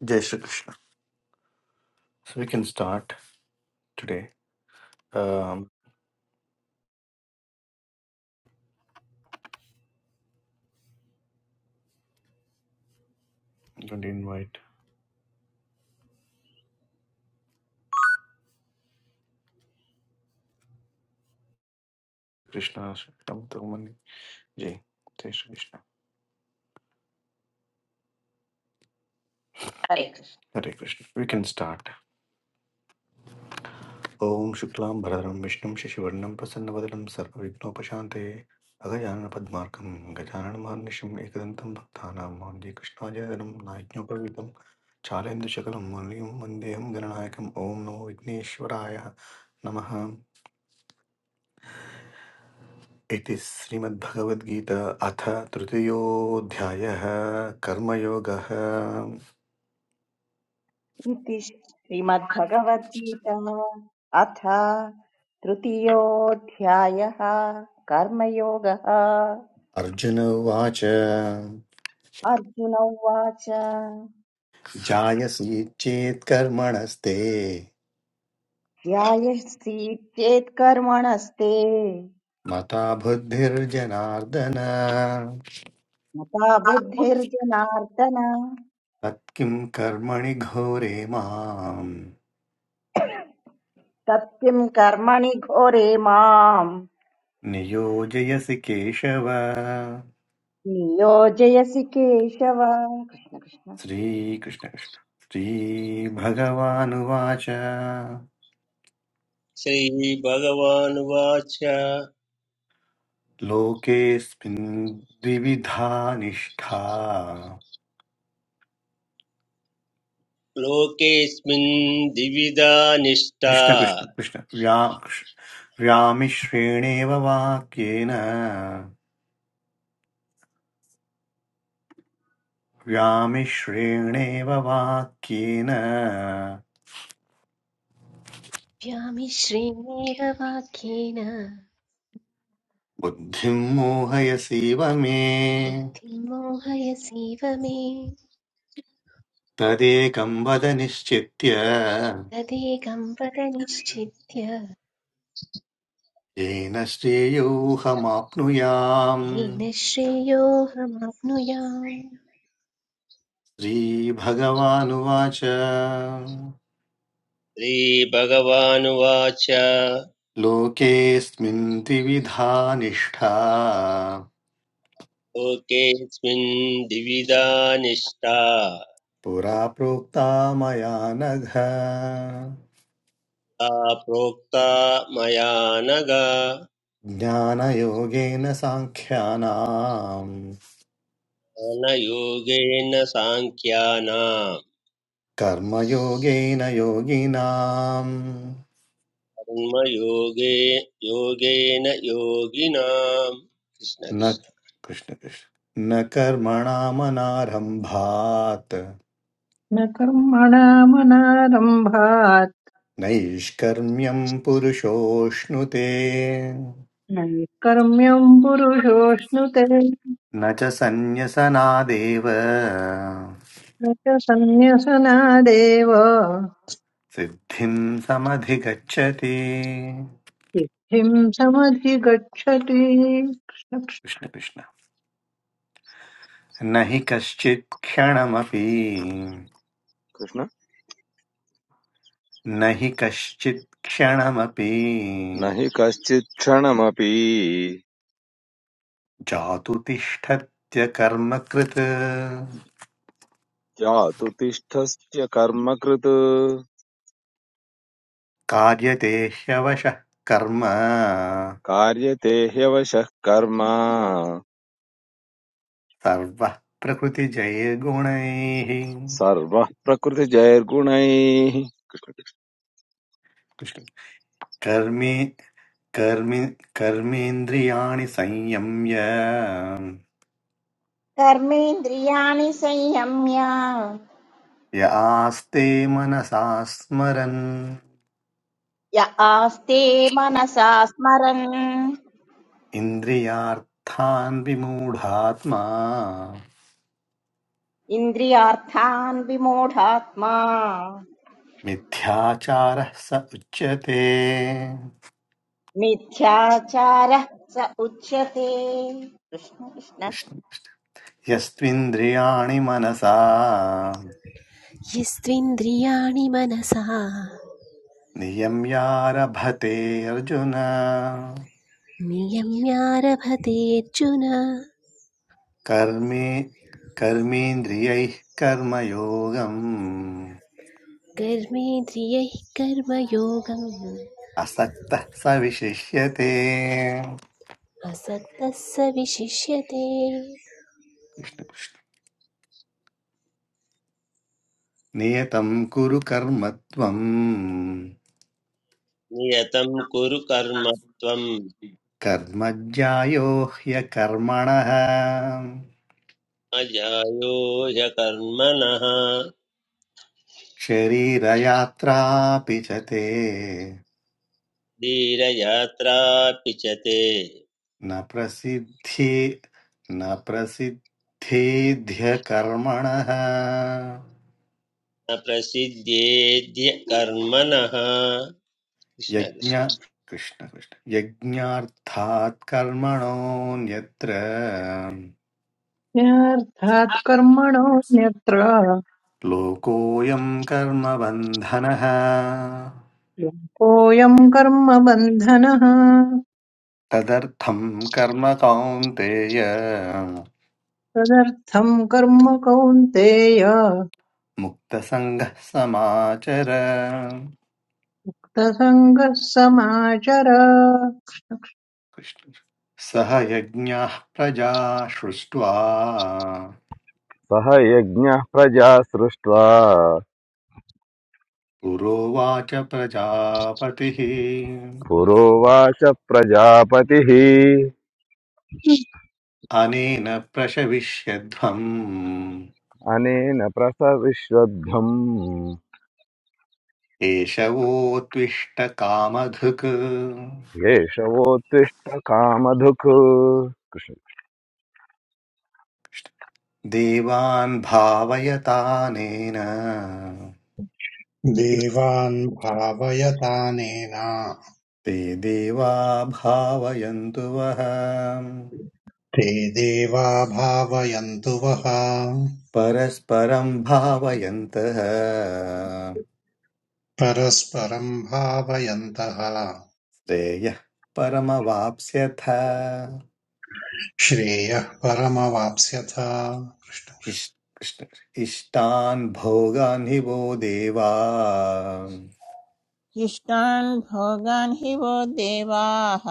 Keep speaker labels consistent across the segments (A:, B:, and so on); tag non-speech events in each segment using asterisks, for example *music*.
A: Jai Shri Krishna. So we can start today. Um, I'm going to invite Krishna Shaktam Thurmani. Jai. Jai Shri Krishna.
B: हरे
A: Hare Krishna.
B: Krishna
A: Hare Krishna. We can
B: बोलो।
A: start. Om Shuklam Bharadram Vishnum Shashivarnam Prasannavadaram Sarva Vignopashante Agajanana Padmarkam Gajanana Mahanisham Ekadantam Bhaktanam Mandi Krishna Jayanam Naiknyopavidam Chalendu Shakalam Manliyam Vandeham Gananayakam Om Namo Vigneshwaraya Namaha इति श्रीमद्भगवद्गीता अथ तृतीयोऽध्यायः कर्मयोगः
B: इति श्रीमद्भगवद्गीता अथ तृतीयोऽध्यायः कर्मयोगः
A: अर्जुन उवाच
B: अर्जुन उवाच
A: जायसि चेत् कर्मणस्ते
B: ध्यायसीत्येत् कर्मणस्ते
A: मता बुद्धिर्जनार्दन
B: मता बुद्धिर्जनार्दन
A: तत्किं कर्मणि घोरे मां
B: तत्किं कर्मणि घोरे माम्
A: नियोजयसि केशव
B: नियोजयसि केशव कृष्ण कृष्ण
A: श्रीकृष्ण कृष्ण। श्रीभगवानुवाच
C: श्रीभगवानुवाच
A: लोकेऽस्मिन् द्विविधा निष्ठा
C: लोकेऽस्मिन् द्विविधा निष्ठा
A: कृष्ण कृष्ण कृष्ण व्या व्यामिश्रेणेव वाक्येन व्यामिश्रेणेव वाक्येन
D: व्यामि श्रेणेन वाक्येन
A: बुद्धिं मोहयसीव मे
D: बुद्धिं मोहयसीव मे
A: तदेकं वद निश्चित्य
D: तदेकं पद निश्चित्य
A: येन श्रेयोऽहमाप्नुयाम्
D: येन श्रेयोऽहमाप्नुयाम्
A: श्रीभगवानुवाच
C: श्रीभगवानुवाच
A: लोकेऽस्मिन् द्विविधा निष्ठा
C: लोकेऽस्मिन् द्विविधा निष्ठा
A: पुरा प्रोक्ता मया नघ
C: सा प्रोक्ता मया नग
A: ज्ञानयोगेन साङ्ख्यानाम्
C: अनयोगेन साङ्ख्यानां
A: कर्मयोगेन योगिनाम्
C: कर्मयोगे योगेन योगिनां
A: न
C: कृष्णकृष्ण
A: कृष्ण कृष्ण न कर्मणामनारम्भात्
E: न कर्मणामनारम्भात्
A: नैष्कर्म्यम् पुरुषोऽश्नुते
E: न कर्म्यम् पुरुषोऽश्नुते न
A: न च सन्न्यसनादेव
E: च सन्न्यसनादेव
A: सिद्धिं समधिगच्छति
E: सिद्धिम् समधिगच्छति
A: कृष्ण कृष्ण न हि कश्चित् क्षणमपि
F: कृष्ण
A: न हि कश्चित् क्षणमपि
F: न हि कश्चित् क्षणमपि
A: जातु तिष्ठत्य कर्मकृत्
F: जातु तिष्ठस्य कर्म कृत
A: कार्यते ह्यवशः कर्म
F: कार्यते ह्यवशः कर्म
A: सर्वः प्रकृतिजयगुणैः
F: सर्वः प्रकृतिजैर्गुणैः
A: कृष्ण कर्मे कर्मि कर्मेन्द्रियाणि संयम्य
B: कर्मेन्द्रियाणि संयम्य
A: य आस्ते मनसा स्मरन्
B: य आस्ते मनसा स्मरन्
A: इन्द्रियार्थान् विमूढात्मा
B: इन्द्रियार्थान् विमूढात्मा
A: मिथ्याचारः स उच्यते
B: मिथ्याचारः स उच्यते कृष्ण कृष्ण
A: कृष्ण यस्त्विन्द्रियाणि मनसा
D: यस्त्विन्द्रियाणि मनसा
A: नियम्यारभते अर्जुन
D: नियम्यारभते अर्जुन
A: कर्मे कर्मेन्द्रियैः कर्मयोगम्
D: कर्मेन्द्रियैः कर्मयोगम्
A: असक्तः स विशिष्यते
D: असक्तः स विशिष्यते
A: नियतं कुरु कर्म त्वम्
C: नियतं कुरु कर्म त्वं
A: कर्मज्ञायो ह्यकर्मणः
C: अजायो ह्यकर्मणः
A: शरीरयात्रापि च ते
C: धीरयात्रापि च ते
A: न प्रसिद्धि न प्रसिद्धिध्यकर्मणः
C: न प्रसिद्ध्येद्य कर्मणः कृष्ण
A: यज्ञ
C: कृष्ण
A: कृष्ण कृष्ण यज्ञार्थात् कर्मणोऽन्यत्र
E: कृष्णकृष्णार्थात् कर्मणोऽन्यत्र
A: लोकोऽयं कर्मबन्धनः
E: कोऽयम् कर्म बन्धनः
A: तदर्थं कर्म कौन्तेय
E: तदर्थम् कर्म कौन्तेय
A: मुक्तसङ्गः समाचर
E: कृतसङ्गः समाचर
A: कृष्ण। सह यज्ञाः प्रजा सृष्ट्वा
F: सह यज्ञः प्रजा सृष्ट्वा
A: पुरोवाच प्रजापतिः
F: पुरोवाच प्रजापतिः
A: अनेन प्रशविष्यध्वम्
F: अनेन प्रसविश्वभ्यम्
A: एष कामधुक्
F: येषवोत्तिष्ठ कामधुक् कृष्ण
A: देवान् भावयतानेन
G: देवान् भावयतानेन
A: ते देवा भावयन्तु वः
G: ते देवा भावयन्तु वः
A: परस्परं भावयन्तः
G: परस्परम् भावयन्तः
A: श्रेयः परमवाप्स्यथ
G: श्रेयः परमवाप्स्यथ
A: इष्- कृष्ण- इष्टान् भोगान् हि वो देवा
H: शिष्टान् भोगान् हि वो देवाः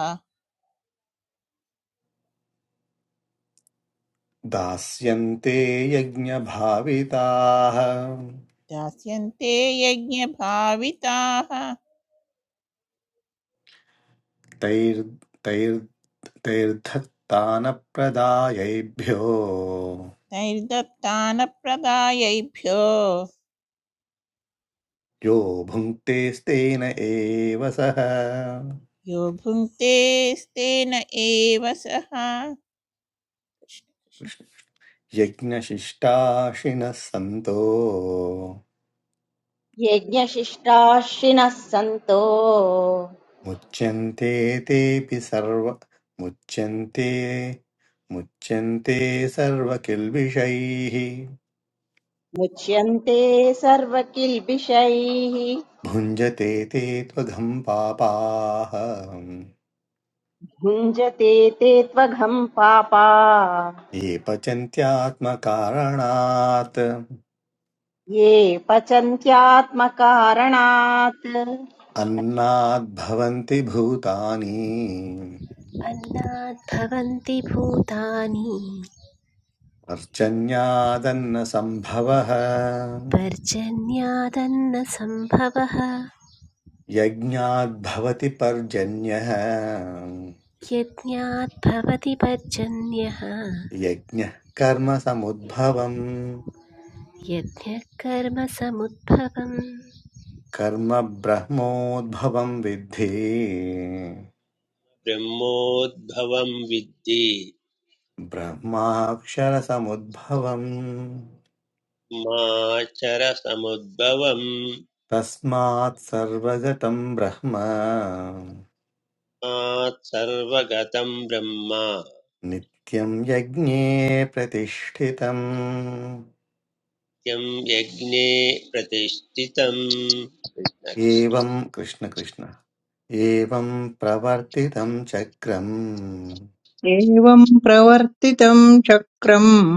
A: दास्यन्ते यज्ञभाविताः
H: दास्यन्ते यज्ञभाविताः
A: तैर् तैर् तैर्धत्तानप्रदायैभ्यो
H: नैर्दत्तानप्रदायैभ्यो
A: यो भुङ्क्तेस्तेन एव सः
H: यो भुङ्क्ते स्तेन एव सः
A: यज्ञशिष्टाशिनः सन्तो
B: यज्ञशिष्टाश्रिनः सन्तो
A: मुच्यन्ते तेऽपि सर्व मुच्यन्ते मुच्यन्ते सर्वकिल्बिषैः
B: मुच्यन्ते सर्वकिल्बिषैः
A: भुञ्जते ते त्वघम् पापाः
B: भुञ्जते ते त्वघम् पापा
A: ये पचन्त्यात्मकारणात्
B: ये पचन्त्यात्मकारणात्
A: अन्नाद्भवन्ति भूतानि
D: अन्नात् भवन्ति भूतानि
A: पर्जन्यादन्नसम्भवः
D: पर्जन्यादन्नसम्भवः
A: यज्ञाद्भवति पर्जन्यः
D: यज्ञात् भवति पर्जन्यः
A: यज्ञः कर्म समुद्भवम्
D: यज्ञः कर्मसमुद्भवम्
A: कर्म ब्रह्मोद्भवम् विद्धि
C: ब्रह्मोद्भवं विद्धि
A: ब्रह्माक्षरसमुद्भवम्
C: माचरसमुद्भवं
A: तस्मात् सर्वगतम् ब्रह्म
C: मात् सर्वगतं ब्रह्म
A: नित्यम् यज्ञे प्रतिष्ठितम्
C: यं यज्ञे प्रतिष्ठितं कृष्ण कृष्ण
A: एवम् कृष्ण कृष्ण एवं प्रवर्तितं चक्रम्
E: एवम् प्रवर्तितम् चक्रम्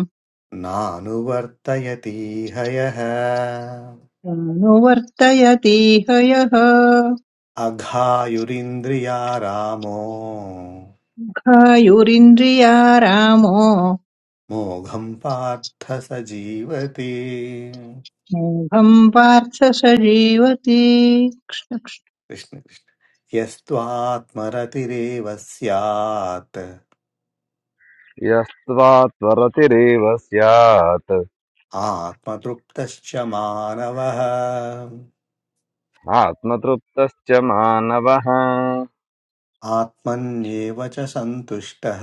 A: नानुवर्तयतीह यः
E: अनुवर्तयतीह यः
A: अघायुरिन्द्रिया रामो
E: घायुरिन्द्रियारामो
A: मोघम् पार्थ स जीवति
E: मोघम् पार्थ स जीवति
A: कृष्ण कृष्ण यस्त्वात्मरतिरेव स्यात्
F: यस्त्वा त्वरतिरेव स्यात्
A: आत्मतृप्तश्च मानवः
F: आत्मतृप्तश्च मानवः
A: आत्मन्येव च सन्तुष्टः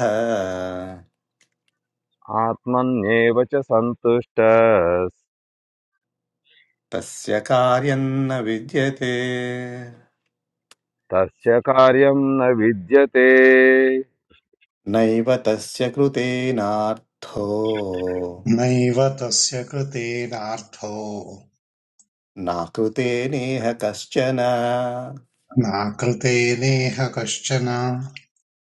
F: आत्मन्येव च सन्तुष्ट
A: तस्य कार्यम् न विद्यते
F: तस्य कार्यं न विद्यते
A: नैव तस्य कृतेनार्थो
G: नैव तस्य कृतेनार्थो
A: नाकृतेनेह कश्चन
G: नाकृतेनेह कश्चन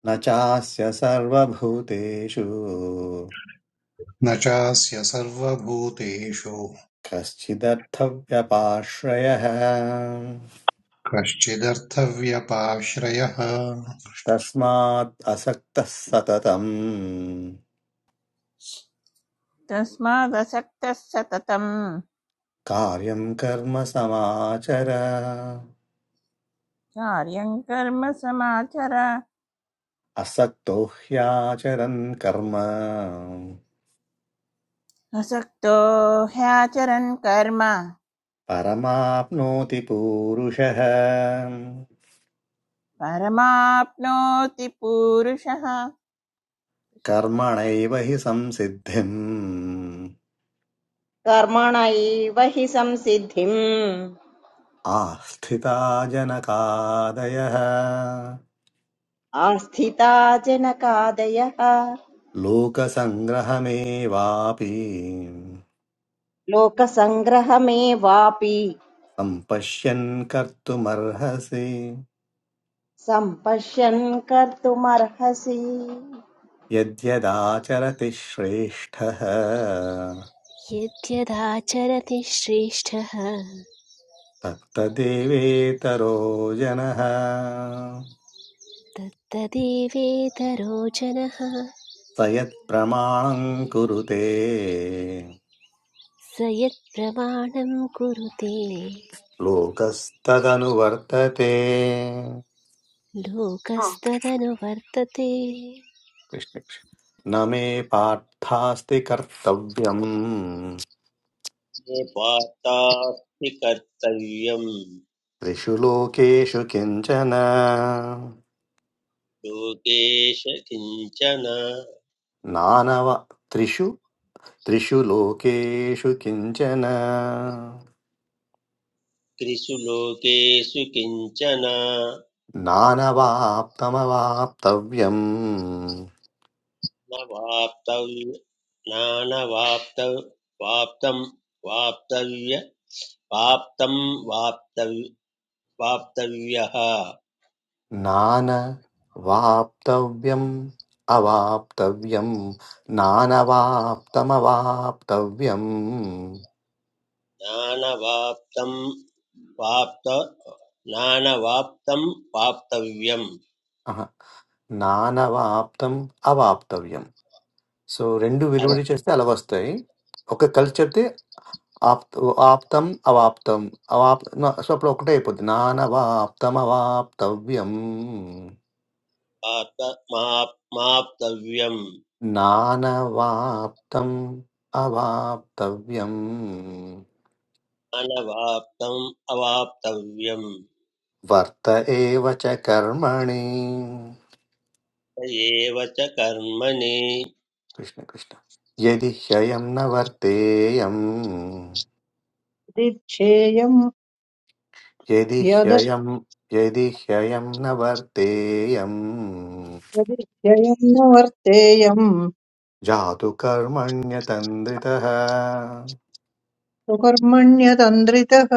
A: न चास्य सर्वभूतेषु
G: न चास्य सर्वभूतेषु
A: कश्चिदर्थव्यपाश्रयः
G: कश्चिदर्थव्यपाश्रयः
A: तस्मात् असक्तः सततम्
H: तस्मादसक्तः सततं
A: कार्यं कर्म समाचर
H: कार्यं कर्म समाचर
A: असक्तो ह्याचरन् कर्म
H: असक्तो ह्याचरन् कर्म
A: परमाप्नोति पूरुषः
H: परमाप्नोति पूरुषः
A: कर्मणैव हि संसिद्धिम्
B: कर्मणैव हि संसिद्धिम्
A: आस्थिता जनकादयः
B: आस्थिता जनकादयः
A: लोकसङ्ग्रहमेवापि
B: लोकसङ्ग्रहमेवापि
A: सम्पश्यन् कर्तुमर्हसि
B: सम्पश्यन् कर्तुमर्हसि
A: यद्यदाचरति श्रेष्ठः
D: यद्यदाचरति श्रेष्ठः
A: तत्तदेवेतरो जनः
D: तत्तदेवेतरो जनः
A: स यत्प्रमाणम् कुरुते
D: स यत्प्रमाणं कुरुते
A: लोकस्तदनुवर्तते
D: लोकस्तदनुवर्तते
A: कृष्ण कृष्ण। न मे पार्थास्ति कर्तव्यम्
C: ये पार्थास्ति कर्तव्यं
A: त्रिषु लोकेषु किञ्चन
C: लोकेश किञ्चन
A: नानव त्रिषु त्रिषु लोकेषु किञ्चन
C: त्रिषु लोकेषु किञ्चन
A: नानवाप्तमवाप्तव्यम्
C: न वाप्तव्य नानवाप्त वाप्तं वाप्तव्य वाप्तं वाप्तव्य वाप्तव्यः
A: नानवाप्तव्यम् अवाप्तव्यम् नानवाप्तमवाप्तव्यम्
C: ज्ञानवाप्तं वाप्त ज्ञानवाप्तं वाप्तव्यम्
A: अह, नानवाप्तम् अवाप्तव्यम् సో రెండు విడివిడి చేస్తే అలా వస్తాయి ఒక కలిసి చెప్తే ఆప్ ఆప్తం అవాప్తం అవాప్ నా- సో అప్పుడు ఒకటే అయిపోద్ది నానవాప్తం అవాప్తవ్యం
C: अवाप्त माप् माप्तव्यम्
A: నానవాప్తం అవాప్తవ్యం
C: अनवाप्तम् अवाप्तव्यम्
A: వర్త ఏవ చ కర్మణి
C: स एव च कर्मणि
A: కృష్ణ కృష్ణ యది హ్యయం న వర్తేయం
E: यदिच्छेयम्
A: యది
E: यद
A: హ్యయం యది హ్యయం న వర్తేయం
E: यदिच्छेयम् न वर्तेयम्
A: जातु कर्मण्यतन्द्रितः
E: सुकर्मण्यतन्द्रितः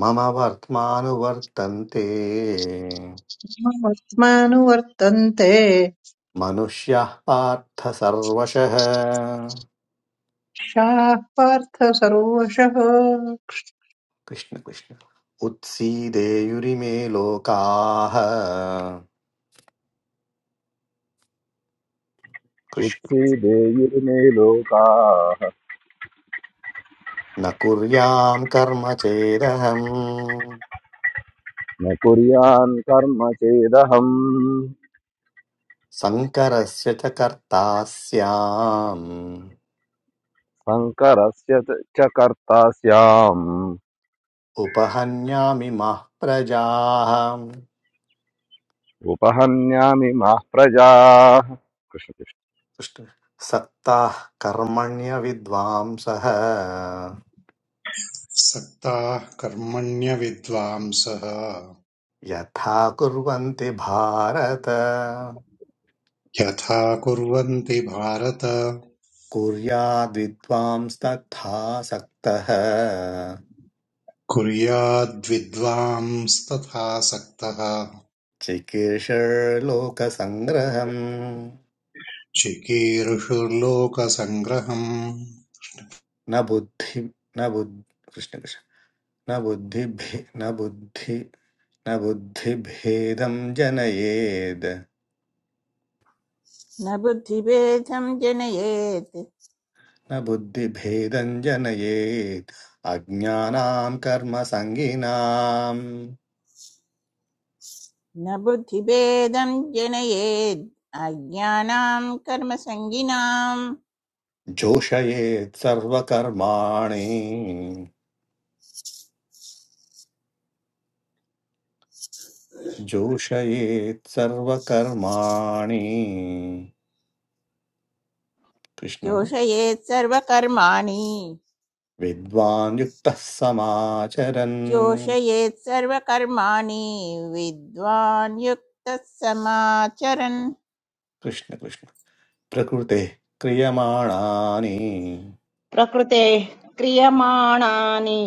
A: मम वर्त्मानुवर्तन्ते
E: ममस्मानुवर्तन्ते
A: मनुष्याः पार्थ सर्वशः
E: शाः पार्थ सर्वशः
A: कृष्ण कृष्ण उत्सीदेयुरिमे लोकाः कृष्ण
F: उत्सीदेयुर्मे लोकाः
A: न कुर्याम् कर्म चेदहम्
F: न कुर्यान् कर्म चेदहम्
A: सङ्करस्य च कर्ता स्याम्
F: शङ्करस्य च च कर्ता स्याम्
A: उपहन्यामि मः प्रजाः
F: उपहन्यामि माः प्रजाः कृष्ण कृष्ण।
A: कृष्ण- सक्ताः कर्मण्यविद्वांसः
G: सक्ताः कर्मण्यविद्वांसः
A: यथा कुर्वन्ति भारत
G: यथा कुर्वन्ति भारत
A: कुर्याद्विद्वांस्तथा सक्तः
G: कुर्याद्विद्वांस्तथासक्तः
A: चिकीर्षलोकसङ्ग्रहम्
G: चिकीर्षुर्लोकसङ्ग्रहम्
A: न बुद्धि न बुद् कृष्णकृष्ण न बुद्धिभे न बुद्धि न बुद्धिभेदं जनयेद्
H: न बुद्धिभेदं जनयेत्
A: न बुद्धिभेदम् जनयेत् अज्ञानाम् कर्मसङ्गिनाम्
H: न बुद्धिभेदम् जनयेत् अज्ञानाम् कर्मसङ्गिनाम्
A: जोषयेत् सर्वकर्माणि जोषयेत् सर्वकर्माणि कृष्ण
H: चोषयेत् सर्वकर्माणि
A: विद्वान् युक्तः समाचरन्
H: चोषयेत् सर्वकर्माणि विद्वान् युक्तः समाचरन्
A: कृष्ण कृष्ण प्रकृतेः क्रियमाणानि
B: प्रकृतेः क्रियमाणानि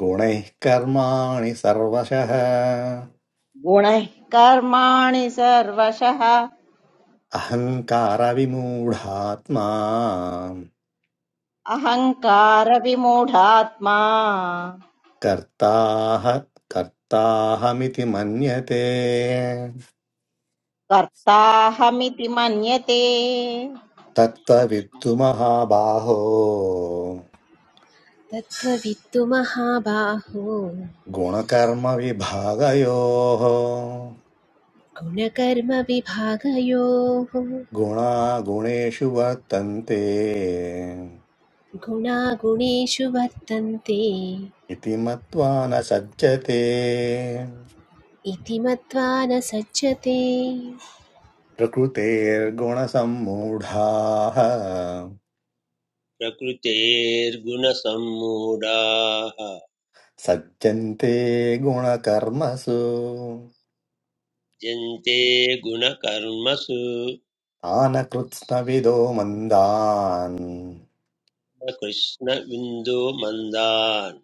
A: गुणैः कर्माणि सर्वशः
B: गुणैः कर्माणि सर्वशः
A: अहङ्कारविमूढात्मा
B: अहङ्कारविमूढात्मा
A: कर्ताह कर्ताहमिति मन्यते
B: कर्ताहमिति मन्यते
A: तत्त्ववित्तु महाबाहो
D: तत्त्ववित्तु महाबाहो
A: गुणकर्मविभागयोः
D: गुणकर्मविभागयोः
A: गुणा गुणेषु वर्तन्ते
D: गुणागुणेषु वर्तन्ते
A: इति मत्वा न सज्जते
D: इति मत्वा न सज्जते
A: प्रकृतेर्गुणसम्मूढाः
C: प्रकृतेर्गुणसम्मूढाः
A: सज्जन्ते गुणकर्मसु
C: जन्ते गुणकर्मसु
A: तानकृत्स्नविदो मन्दान्
C: न कृष्णबिन्दो मन्दान्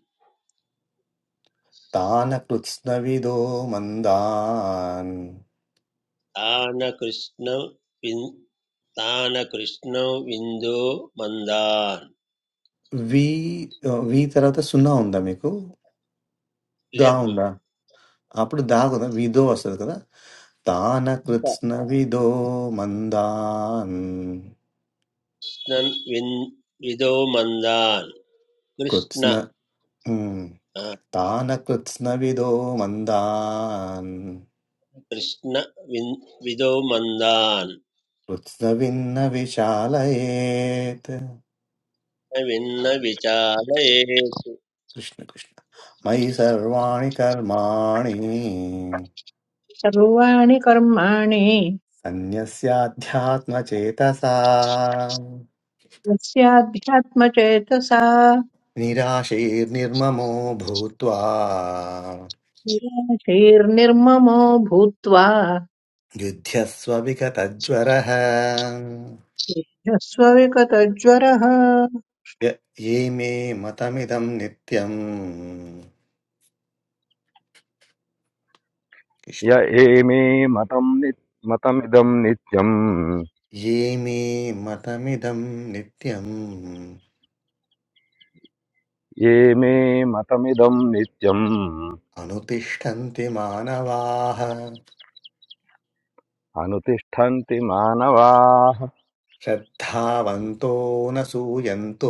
A: తాన కృత్స్నవిదో మందాన్
C: तान कृष्ण विन्- तान कृष्ण विन्दो मन्दान्
A: వి వి తర్వాత సున్నా ఉందా మీకు దా
C: यद्
A: ఉందా అప్పుడు దా కదా విదో వస్తుంది కదా తాన కృత్స్నవిదో మందాన్
C: कृष्णन् विन् विदो मन्दान् कृष्ण
A: కృత్స్న ఉమ్.
C: आ,
A: తాన కృత్స్నవిదో మందాన్
C: कृष्ण विन् विदो मन्दान्
A: కృత్స్నవిన్న విశాలయేత్
C: न विन्न विचारयेत्
A: కృష్ణ కృష్ణ మయి సర్వాణి కర్మాణి
E: सर्वाणि कर्माणि
A: अन्यस्याध्यात्मचेतसा
E: यस्याध्यात्मचेतसा
A: निराशैर्निर्ममो भूत्वा
E: निराशीर्निर्ममो भूत्वा
A: युध्यस्व विगतज्वरः
E: ह्यस्वविगतज्वरः
A: य ये मे मतमिदं नित्यम्
F: य
A: कृष्ण
F: एमे मतं नि मतमिदं नित्यम्
A: ये मे मतमिदं नित्यम्
F: ये मे मतमिदं नित्यम्
A: अनुतिष्ठन्ति मानवाः
F: అనుతిష్ఠन्ति మానవాः
A: श्रद्धावन्तो न सूयन्तो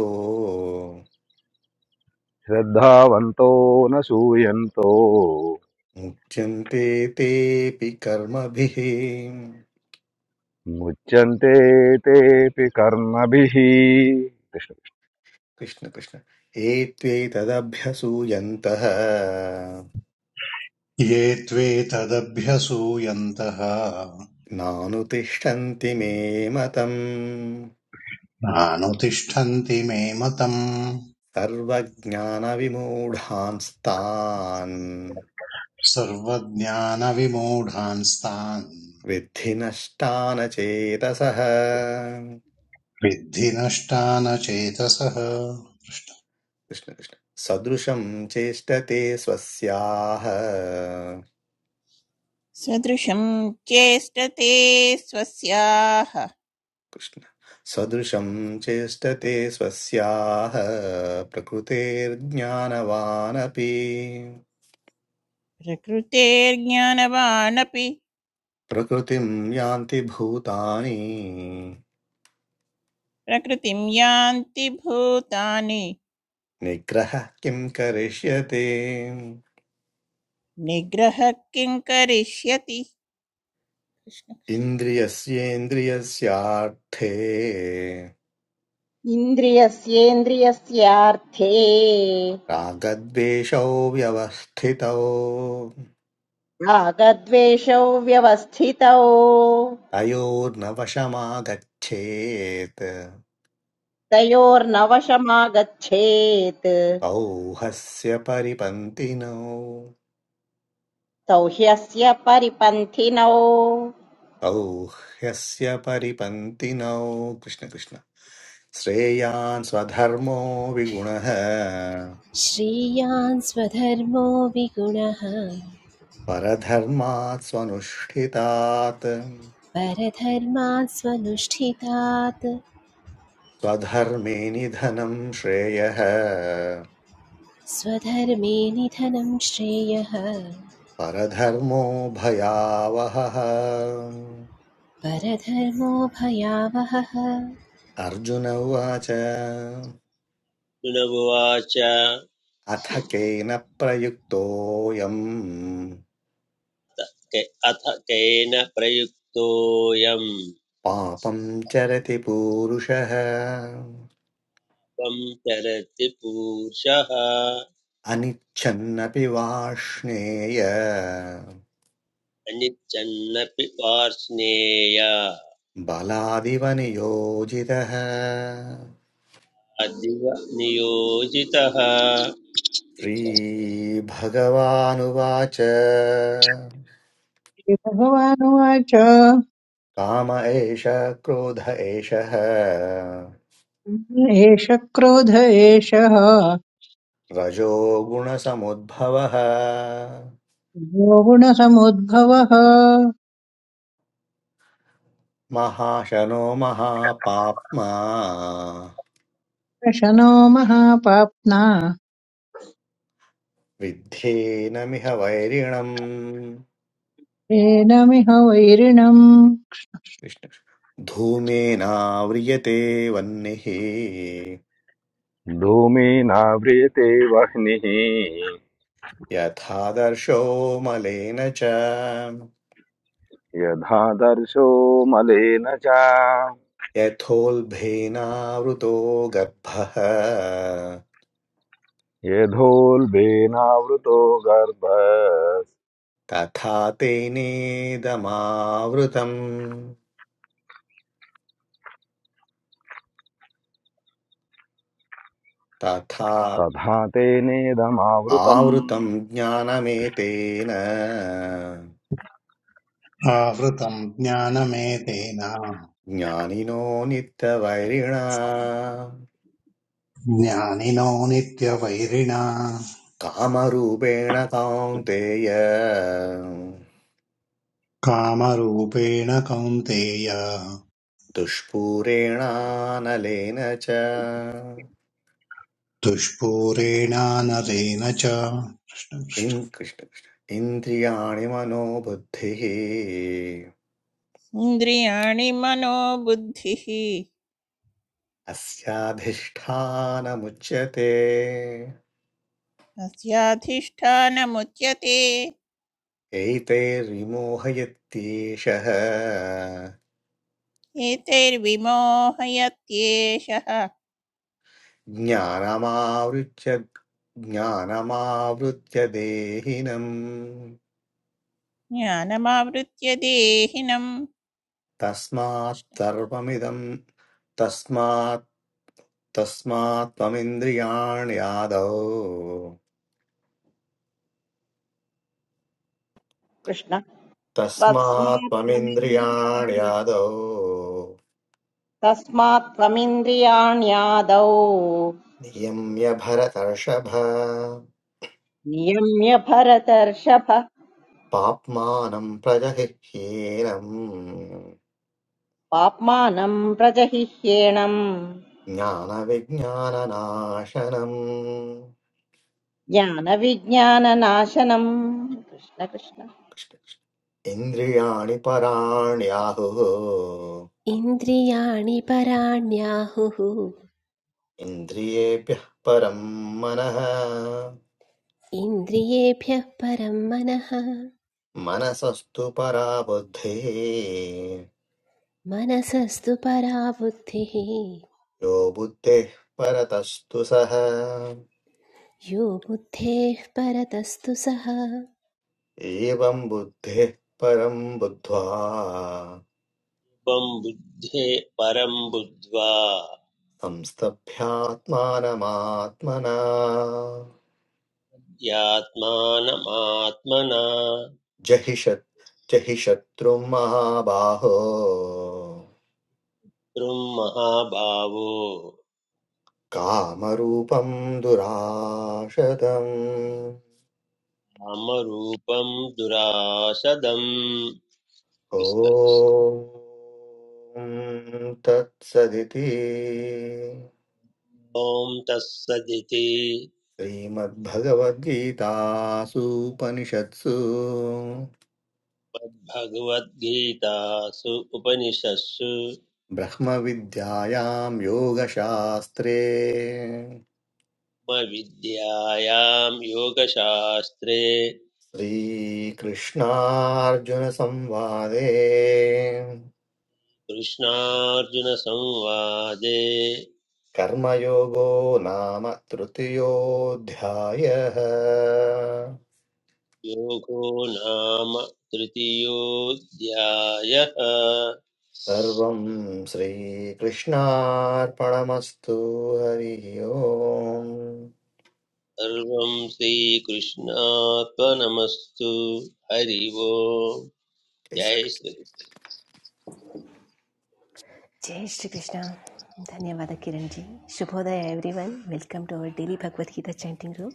F: శ్రద్ధావంతో న శూయంతో
A: मुच्यन्ते तेऽपि कर्मभिः
F: ముచ్యంతే తేపి కర్మభిः కృష్ణ
A: कृष्ण कृष्ण एत्वेतदभ्यसूयन्तः
G: ये त्वेतदभ्यसूयन्तः
A: नानुतिष्ठन्ति मे मतम्
G: नानुतिष्ठन्ति मे मतम्
A: सर्वज्ञानविमूढांस्तान्
G: सर्वज्ञानविमूढांस्तान्
A: विद्धि नष्टान चेतसः
G: विद्धि नष्टानचेतसः
A: कृष्ण कृष्ण सदृशं चेष्टते स्वस्याः
H: सदृशं चेष्टते स्वस्याः
A: कृष्ण सदृशं चेष्टते स्वस्याः प्रकृतेर्ज्ञानवानपि
H: प्रकृतेर्ज्ञानवानपि
A: प्रकृतिं यान्ति भूतानि
H: प्रकृतिं यान्ति भूतानि
A: निग्रहः किं करिष्यते
H: निग्रह किं करिष्यति कृष्ण।
A: इन्द्रियस्येन्द्रियस्यार्थे
B: इन्द्रियस्येन्द्रियस्यार्थे
A: रागद्वेषौ व्यवस्थितौ
B: रागद्वेषौ व्यवस्थितौ
A: तयोर्न वशमागच्छेत्
B: तयोर्नवशमागच्छेत्
A: तौ ह्यस्य परिपन्तिनौ
B: तौ ह्यस्य परिपन्थिनौ
A: तौ ह्यस्य परिपन्तिनौ कृष्णकृष्ण श्रेयान् स्वधर्मो विगुणः
D: श्रेयान् स्वधर्मो विगुणः
A: परधर्मात् स्वनुष्ठितात्
D: परधर्मात् स्वनुष्ठितात्
A: स्वधर्मे निधनं श्रेयः
D: स्वधर्मे निधनं श्रेयः
A: परधर्मो भयावहः
D: परधर्मो भयावहः
A: अर्जुन उवाच
C: गुणवाच
A: अथ केन प्रयुक्तोऽयम्
C: के- अथ केन प्रयुक्तोऽयम्
A: पापं चरति पूरुषः
C: त्वं चरति पूषः
A: अनिच्छन्नपि वाष्णेय
C: अनिच्छन्नपि पार्ष्णेय
A: बलादिव नियोजितः
C: अदिव नियोजितः
A: श्रीभगवानुवाच
E: श्रीभगवानुवाच
A: काम एष क्रोध एषः
E: एष क्रोध एषः
A: रजोगुणसमुद्भवः
E: यो गुणसमुद्भवः
A: महाशनो महापाप्मा
E: प्रशनो महापाप्ना
A: विद्धेनमिह वैरिणम्
E: एनमिह वैरिणम्
A: कृष्ण धूमेनाव्रियते वह्निः
F: కృష్ణ। ధూమేనావ్రియతే వహ్నిः
A: यथादर्शो मलेन च
F: యథా దర్శో మలేన చ
A: यथोल्बेनावृतो गर्भः
F: యథోల్బేనావృతో గర్భ
A: तथा तेनेदमावृतम् तथा
F: తథా తేనేదమావృతం
A: आवृतं ज्ञानमेतेन
G: आवृतम् ज्ञानमेतेन
A: ज्ञानिनो नित्यवैरिणा
G: ज्ञानिनो नित्यवैरिणा
A: कामरूपेण कान्तेय
G: कामरूपेण कौन्तेय
A: दुष्पूरेणानलेन च
G: दुष्पूरेणानलेन च
A: इन् कृष्ण कृष्ण इन्द्रियाणि मनोबुद्धिः
H: इन्द्रियाणि मनोबुद्धिः
A: अस्याधिष्ठानमुच्यते
H: अस्याधिष्ठानमुच्यते
A: एतैर्विमोहयत्येषः
H: एतैर्विमोहयत्येषः
A: ज्ञानमावृत्य ज्ञानमावृत्य देहिनम्
H: ज्ञानमावृत्य देहिनम्
A: तस्मात् सर्वमिदम् तस्मात् तस्मात् त्वमिन्द्रियाणि आदौ
B: कृष्ण
A: तस्मात्
B: तस्मात्
A: त्वमिन्द्रियाणि आदौ
B: तस्मात् त्वमिन्द्रियाण्यादौ
A: नियम्य भरतर्षभ
B: नियम्य भरतर्षभ
A: पाप्मानं प्रजहिह्येनं
B: पाप्मानम् प्रजहिह्येणम्
A: ज्ञानविज्ञाननाशनम्
B: ज्ञानविज्ञाननाशनम् कृष्ण कृष्ण
A: इन्द्रियाणि पराण्याहुः
D: इन्द्रियाणि पराण्याहुः
A: इन्द्रियेभ्यः परं मनः
D: इन्द्रियेभ्यः परं मनः
A: मनसस्तु परा बुद्धिः
D: मनसस्तु परा बुद्धिः
A: यो बुद्धेः परतस्तु सः
D: यो बुद्धेः परतस्तु सः
A: एवं बुद्धिः परं बुद्ध्वा
C: त्वं बुद्धे परं बुद्ध्वा
A: संस्तभ्यात्मानमात्मना
C: यात्मानमात्मना
A: जहिषत् शत्- जहि शत्रुं महाबाहो
C: त्रुं महाभावो
A: कामरूपं दुराशतम्
C: नामरूपं दुराशदम्
A: ॐ तत्सदिति
C: ॐ तत्सदिति
A: श्रीमद्भगवद्गीतासूपनिषत्सु
C: भगवद्गीतासु उपनिषत्सु
A: ब्रह्मविद्यायां योगशास्त्रे
C: विद्यायां योगशास्त्रे
A: श्रीकृष्णार्जुनसंवादे
C: कृष्णार्जुनसंवादे
A: कर्मयोगो नाम तृतीयोऽध्यायः
C: योगो नाम तृतीयोऽध्यायः
A: सर्वं श्रीकृष्णार्पणमस्तु हरिः ओम्
C: सर्वं श्रीकृष्णात्मनमस्तु हरि ओम्
A: जय
C: जय
A: Shri Krishna
C: Shri
D: Jai Shri Krishna. Dhanyavada Kiran ji. Shubhodaya everyone. Welcome to our daily Bhagavad Gita chanting room.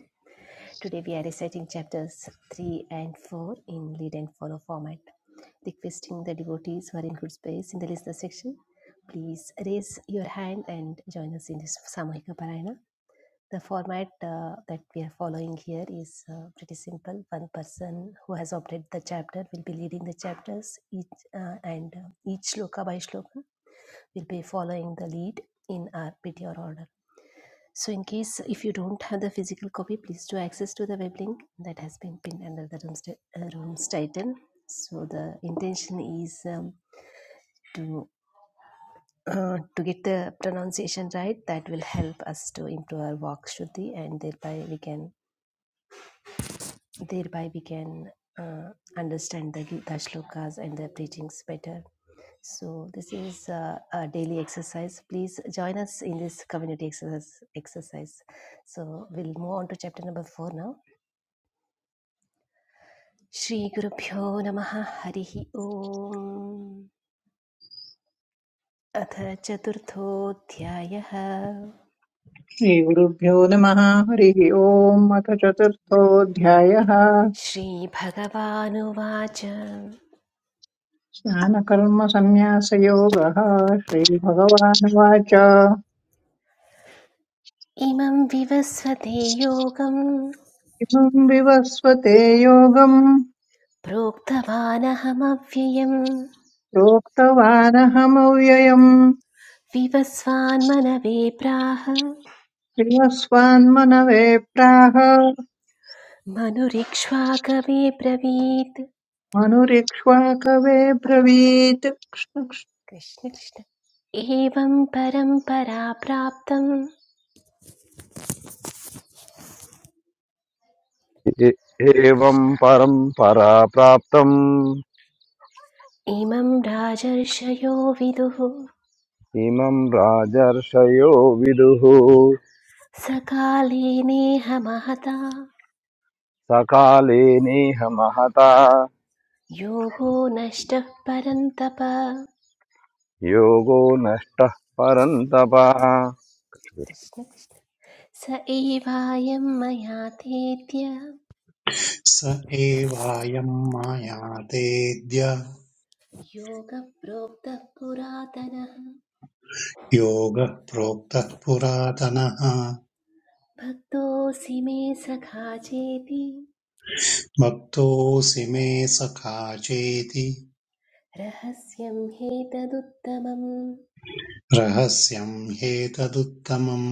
D: Today we are reciting chapters 3 and 4 in lead and follow format. Requesting the devotees who are in good space in the listener section, please raise your hand and join us in this Samahika Parayana. The format uh, that we are following here is uh, pretty simple. One person who has opted the chapter will be leading the chapters, each, uh, and uh, each shloka by shloka will be following the lead in our or order. So, in case if you don't have the physical copy, please do access to the web link that has been pinned under the room's, ti- uh, room's title. So, the intention is um, to uh, to get the pronunciation right that will help us to improve our vok shuddhi and thereby we can thereby we can uh, understand the Gita shlokas and their preachings better. So this is uh, a daily exercise. Please join us in this community exercise. exercise. So we'll move on to chapter number four now. Shri Gurubhyo Namaha Harihi Om Atha Chaturtho Dhyayaha
E: श्रीगुरुभ्यो नमः हरिः ओम् अथ चतुर्थोऽध्यायः
D: Shri अथ चतुर्थोऽध्यायः
E: स्नानकर्मसन्न्यासयोगः श्रीभगवानुवाच
D: Imam इमं विवस्वते योगं
E: किमम् विवस्वते योगम्
D: Avyayam
E: प्रोक्तवानहमव्ययम्
D: विवस्वान्मनवे प्राह
E: श्रियस्वान्मनवे प्राह
D: मनुरिक्ष्वाकवे ब्रवीत्
E: मनुरिक्ष्वाकवे ब्रवीत् कृष्ण कृष्ण।
D: कृष्ण कृष्ण एवं परम्परा प्राप्तं
F: ఏ- ఏవం
D: कृष्ण
F: పరంపరా ప్రాప్తం
D: इमं राजर्षयो विदुः
F: इमं राजर्षयो विदुः
D: सकाले नेह महता
F: सकाले नेह महता
D: योगो नष्टः परन्तप
F: योगो नष्टः परन्तप
D: कृष्ण कृष्ण स एवायं मया तेत्य
G: स एवायं मायातेऽद्य
D: योगप्रोक्तः पुरातनः
G: योगः प्रोक्तः पुरातनः
D: भक्तोऽसि मे सखा चेति
G: भक्तोऽसि मे सखा चेति
D: रहस्यं ह्येतदुत्तमम्
G: रहस्यं ह्येतदुत्तमम्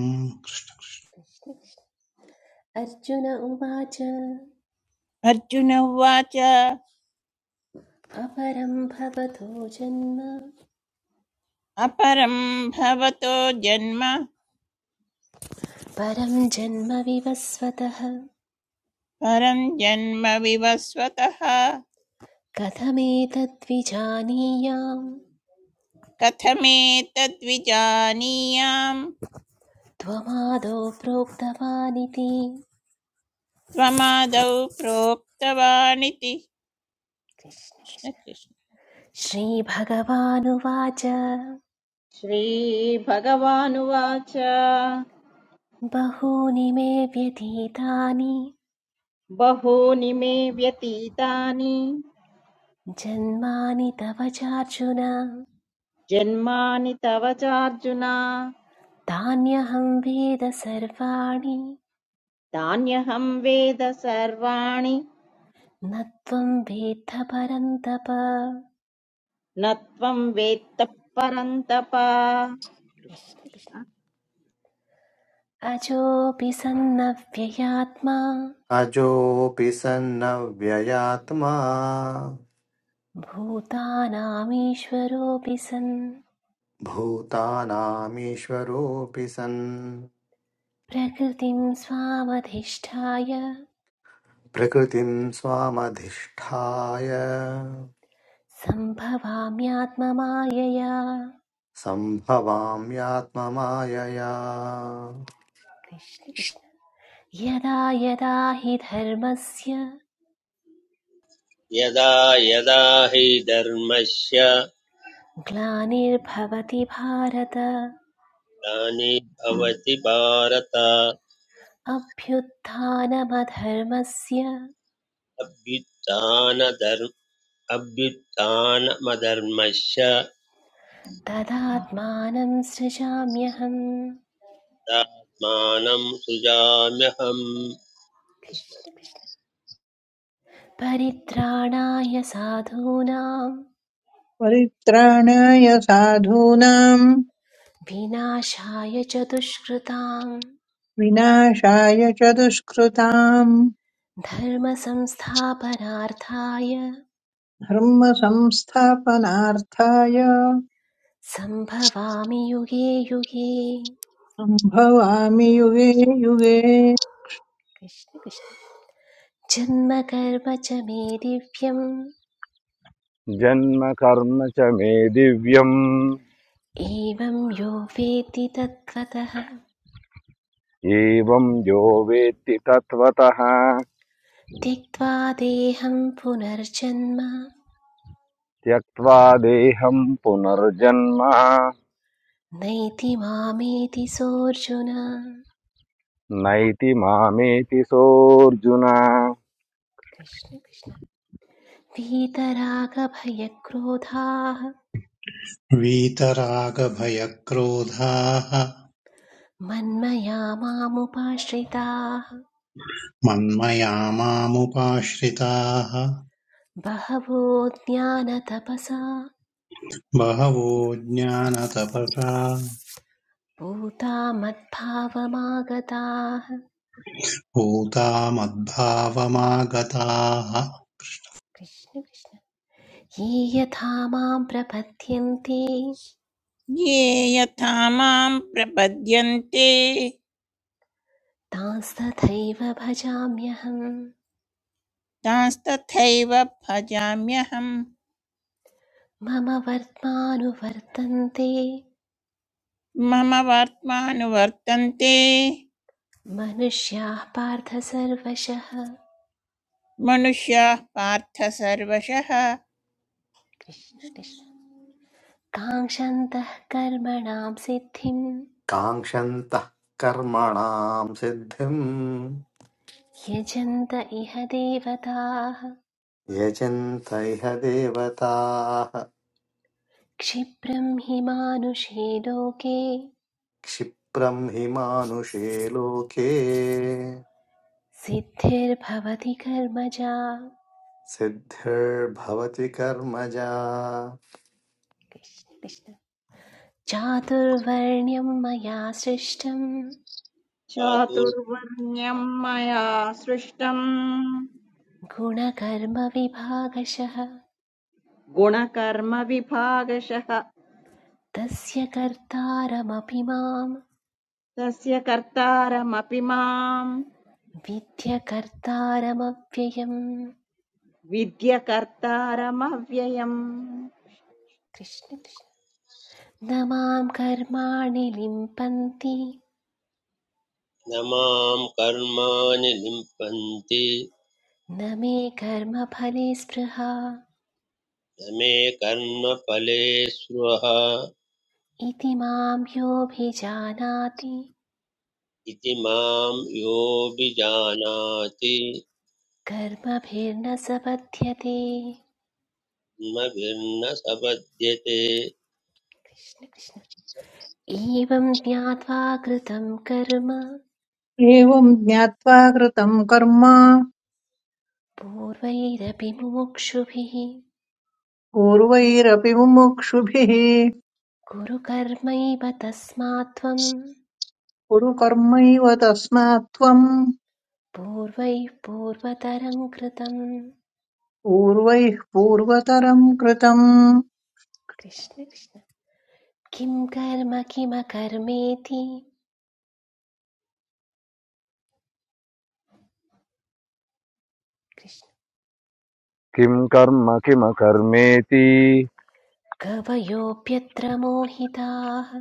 D: अर्जुन उवाच
H: अर्जुन उवाच
D: अपरं भवतो जन्म
H: अपरं भवतो जन्म
D: परं जन्म विवस्वतः
H: परं जन्म विवस्वतः
D: कथमेतद्विजानीयाम्
H: कथमेतद्विजानीयां
D: त्वमादौ प्रोक्तवानिति
H: त्वमादौ प्रोक्तवानिति
D: कृष्ण
H: कृष्ण
D: कृष्ण
H: कृष्ण।
D: श्रीभगवानुवाच
B: श्रीभगवानुवाच
D: बहूनि मे व्यतीतानि
B: बहूनि मे व्यतीतानि
D: जन्मानि तव चार्जुन
B: जन्मानि तव चार्जुन
D: तान्यहं वेद सर्वाणि
B: तान्यहं वेद सर्वाणि
D: न त्वं वेत्थ परन्तप
B: न त्वं वेत्तः परन्तप
D: कृष्ण कृष्ण अजोऽपि सन्नव्ययात्मा
A: अजोऽपि सन्नव्ययात्मा
D: भूतानामीश्वरोऽपि सन्
A: भूतानामीश्वरोऽपि सन्
D: प्रकृतिं स्वामधिष्ठाय
A: प्रकृतिं स्वामधिष्ठाय
D: सम्भवाम्यात्ममायया
A: सम्भवाम्यात्ममायया
D: यदा यदा हि धर्मस्य
C: यदा यदा हि धर्मस्य
D: ग्लानिर्भवति भारत
C: ग्लानिर्भवति भारत
D: अभ्युत्थानमधर्मस्य
C: अभ्युत्थानधर् अभ्युत्थानमधर्मश्च
D: तदात्मानं सृजाम्यहम्
C: आत्मानं सृजाम्यहम्
D: कृष्ण कृष्ण परित्राणाय साधूनां
E: परित्राणाय साधूनाम्
D: विनाशाय च दुष्कृतां
E: विनाशाय च दुष्कृताम्
D: धर्मसंस्थापनार्थाय
E: धर्मसंस्थापनार्थाय
D: सम्भवामि युगे युगे
E: सम्भवामि युगे युगे
D: कृष्ण कृष्ण जन्मकर्म च मे दिव्यम्
F: जन्म कर्म च मे दिव्यम्
D: एवं यो वेत्ति तत्त्वतः
F: एवं यो वेत्ति तत्त्वतः
D: त्यक्त्वा देहं पुनर्जन्म
F: त्यक्त्वा देहं पुनर्जन्म
D: नैति मामेति सोऽर्जुन
F: नैति मामेति सोऽर्जुन
D: कृष्ण कृष्ण वीतरागभयक्रोधाः
G: वीतरागभयक्रोधाः
D: मन्मया मामुपाश्रिताः
G: मन्मया मामुपाश्रिताः
D: बहवो ज्ञानतपसा
G: बहवो ज्ञानतपसा
D: भूता मद्भावमागताः
G: भूतामद्भावमागताः
D: कृष्ण कृष्ण ये यथा मां प्रपद्यन्ते
H: ये यथा मां प्रपद्यन्ते
D: तांस्तथैव भजाम्यहम्
H: तांस्तथैव भजाम्यहम्
D: मम वर्त्मानुवर्तन्ते
H: मम वर्त्मानुवर्तन्ते
D: मनुष्याः पार्थ सर्वशः
H: मनुष्याः पार्थ सर्वशः
D: कृष्ण कृष्ण काङ्क्षन्तः कर्मणां सिद्धिं
A: काङ्क्षन्तः कर्मणां सिद्धिम्
D: यजन्त इह देवताः
A: यजन्त इह देवताः
D: क्षिप्रं हि मानुषे लोके
A: क्षिप्रम् हि मानुषे लोके
D: सिद्धिर्भवति कर्मजा
A: सिद्धिर्भवति कर्मजा
D: कृष्ण कृष्ण चातुर्वर्ण्यं मया सृष्टं
C: विस्मृतातु
B: चातुर्वर्ण्यं मया सृष्टम्
D: गुणकर्मविभागशः
B: गुणकर्मविभागशः
D: तस्य कर्तारमपि मां
B: तस्य कर्तारमपि माम्
D: विद्यकर्तारमव्ययम्
B: विद्यकर्तारमव्ययम्
D: कृष्ण कृष्ण न मां कर्माणि लिम्पन्ति
C: न मां कर्माणि लिम्पन्ति
D: न मे कर्मफले स्पृहा
C: न मे कर्मफले स्पृह
D: इति मां योऽभिजानाति
C: इति मां योऽभिजानाति
D: कर्मभिर्न सपद्यते
C: मभिर्न सपद्यते
D: कृष्ण कृष्ण एवं ज्ञात्वा कृतं कर्म
E: एवम् ज्ञात्वा कृतम् कर्म
D: पूर्वैरपि मुमुक्षुभिः
E: पूर्वैरपि मुमुक्षुभिः
D: कुरु कर्मैव तस्मात् त्वं
E: कुरु कर्मैव तस्मात् त्वम्
D: पूर्वैः पूर्वतरं कृतं
E: पूर्वैः पूर्वतरम् कृतम्
D: कृष्ण कृष्ण किं कर्म किमकर्मेति कृष्ण
F: किं कर्म किमकर्मेति
D: कवयोऽप्यत्र मोहिताः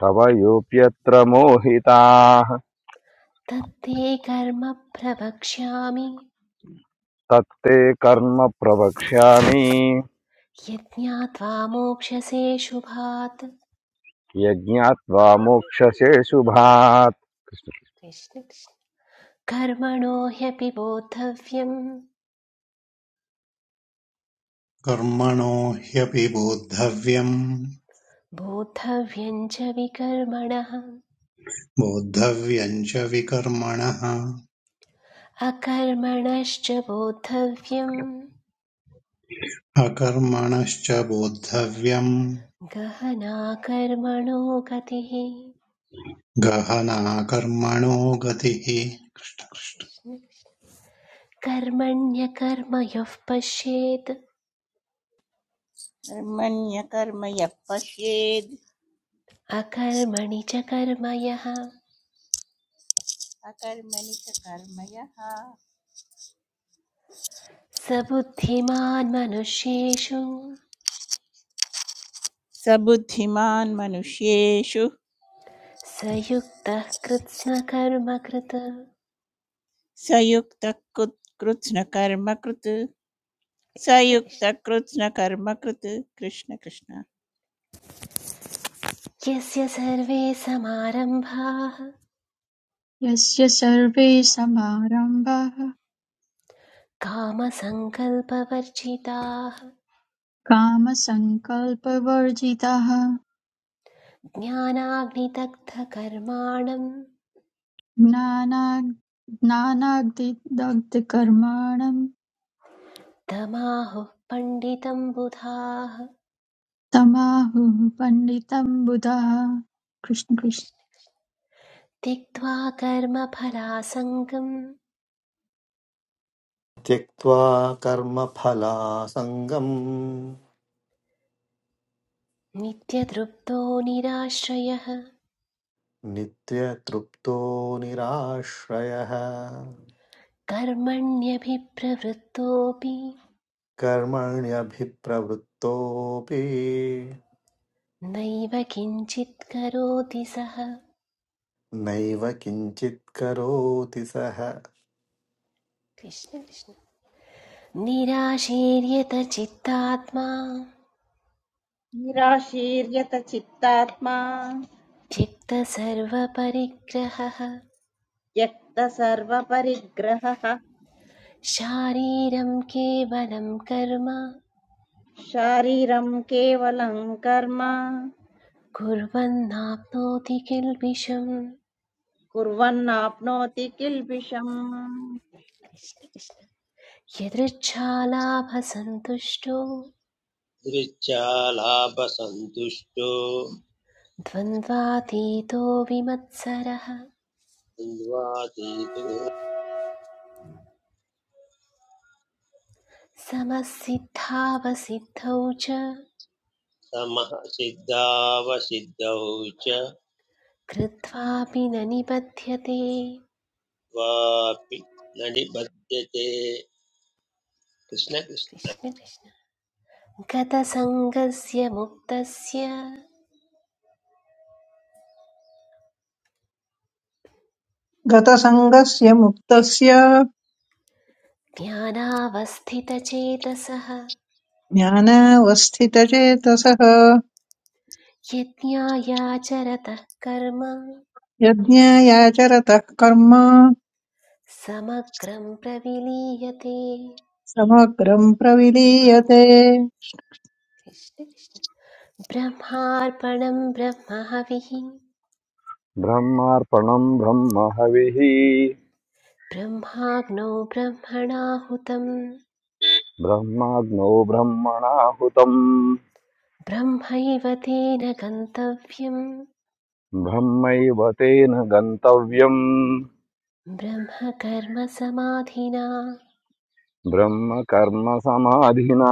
F: कवयोऽप्यत्र मोहिताः
D: तत्ते कर्म प्रवक्ष्यामि
F: तत्ते कर्म प्रवक्ष्यामि
D: यज्ञात्वा मोक्षसे शुभात्
F: यज्ञात्वा मोक्षसे शुभात्
D: कृष्ण कृष्ण कर्मणो ह्यपि बोद्धव्यम्
G: कर्मणो ह्यपि बोद्धव्यम्
D: बोद्धव्यं च विकर्मणः
G: बोद्धव्यम् च विकर्मणः
D: अकर्मणश्च बोद्धव्यम्
G: अकर्मणश्च बोद्धव्यम्
D: गहना कर्मणो गतिः
G: गहना कर्मणो गतिः
D: कृष्ण कृष्ण। कर्मण्यकर्मयोः पश्येत्
H: कर्मण्यकर्म यः पश्येद्
D: अकर्मणि च कर्म यः
H: अकर्मणि च कर्म यः
D: स बुद्धिमान् मनुष्येषु
H: स बुद्धिमान् मनुष्येषु
D: स युक्तः कृत्स्नकर्मकृत्
H: स युक्तः कृत् कृत्स्नकर्मकृत् स
D: कृष्ण
H: युक्तः
D: कृष्ण।
H: कृत्स्नकर्मकृत् कृष्ण कृष्ण
D: यस्य सर्वे समारम्भाः
I: यस्य सर्वे समारम्भाः
D: कामसङ्कल्पवर्जिताः
I: कामसङ्कल्पवर्जिताः
D: ज्ञानाग्निदग्धकर्माणं
I: ज्ञानाग्- ज्ञानाग्निदग्धकर्माणं
D: तमाहुः पण्डितं बुधाः
I: तमाहुः पण्डितं बुधाः कृष्ण कृष्ण
D: त्यक्त्वा कर्मफलासङ्गं
A: त्यक्त्वा कर्मफलासङ्गम्
D: नित्यतृप्तो निराश्रयः
A: नित्यतृप्तो निराश्रयः
D: कर्मण्यभिप्रवृत्तोऽपि
A: कर्मण्यभिप्रवृत्तोऽपि
D: नैव किञ्चित् करोति सः
A: नैव किञ्चित् करोति सः
D: कृष्ण कृष्ण निराशीर्यतचित्तात्मा
B: निराशीर्यत चित्तात्मा
D: त्यक्तसर्वपरिग्रहः
B: त्यक्त सर्वपरिग्रहः
D: शारीरं केवलं कर्म
B: शारीरम् केवलम् कर्म
D: कुर्वन्नाप्नोति किल्बिषम्
B: कुर्वन्नाप्नोति किल्बिषम्
D: कृष्ण कृष्ण यदृच्छालाभसन्तुष्टो
C: सदृच्छालाभसन्तुष्टो
D: द्वन्द्वातीतो विमत्सरः
C: द्वन्द्वातीतो
D: समसिद्धावसिद्धौ च
C: तमः सिद्धावसिद्धौ च
D: कृत्वापि न निबध्यते
C: वापि न निबध्यते कृष्ण कृष्ण
D: कृष्ण कृष्ण गतसङ्गस्य मुक्तस्य
E: गतसङ्गस्य मुक्तस्य
D: ज्ञानावस्थितचेतसः
E: ज्ञानावस्थितचेतसः
D: यज्ञायाचरतः कर्म
E: यज्ञायाचरतः कर्म
D: समग्रं प्रविलीयते
E: समग्रम् प्रविलीयते
D: कृष्ण कृष्ण ब्रह्मार्पणं ब्रह्महविः
F: ब्रह्मार्पणम् ब्रह्म हविः
D: ब्रह्माग्नौ ब्रह्मणाहुतं
F: ब्रह्माग्नौ ब्रह्मणाहुतम्
D: ब्रह्मैव तेन
F: ब्रह्मैव तेन गन्तव्यम्
D: ब्रह्मकर्मसमाधिना
F: ब्रह्म कर्म समाधिना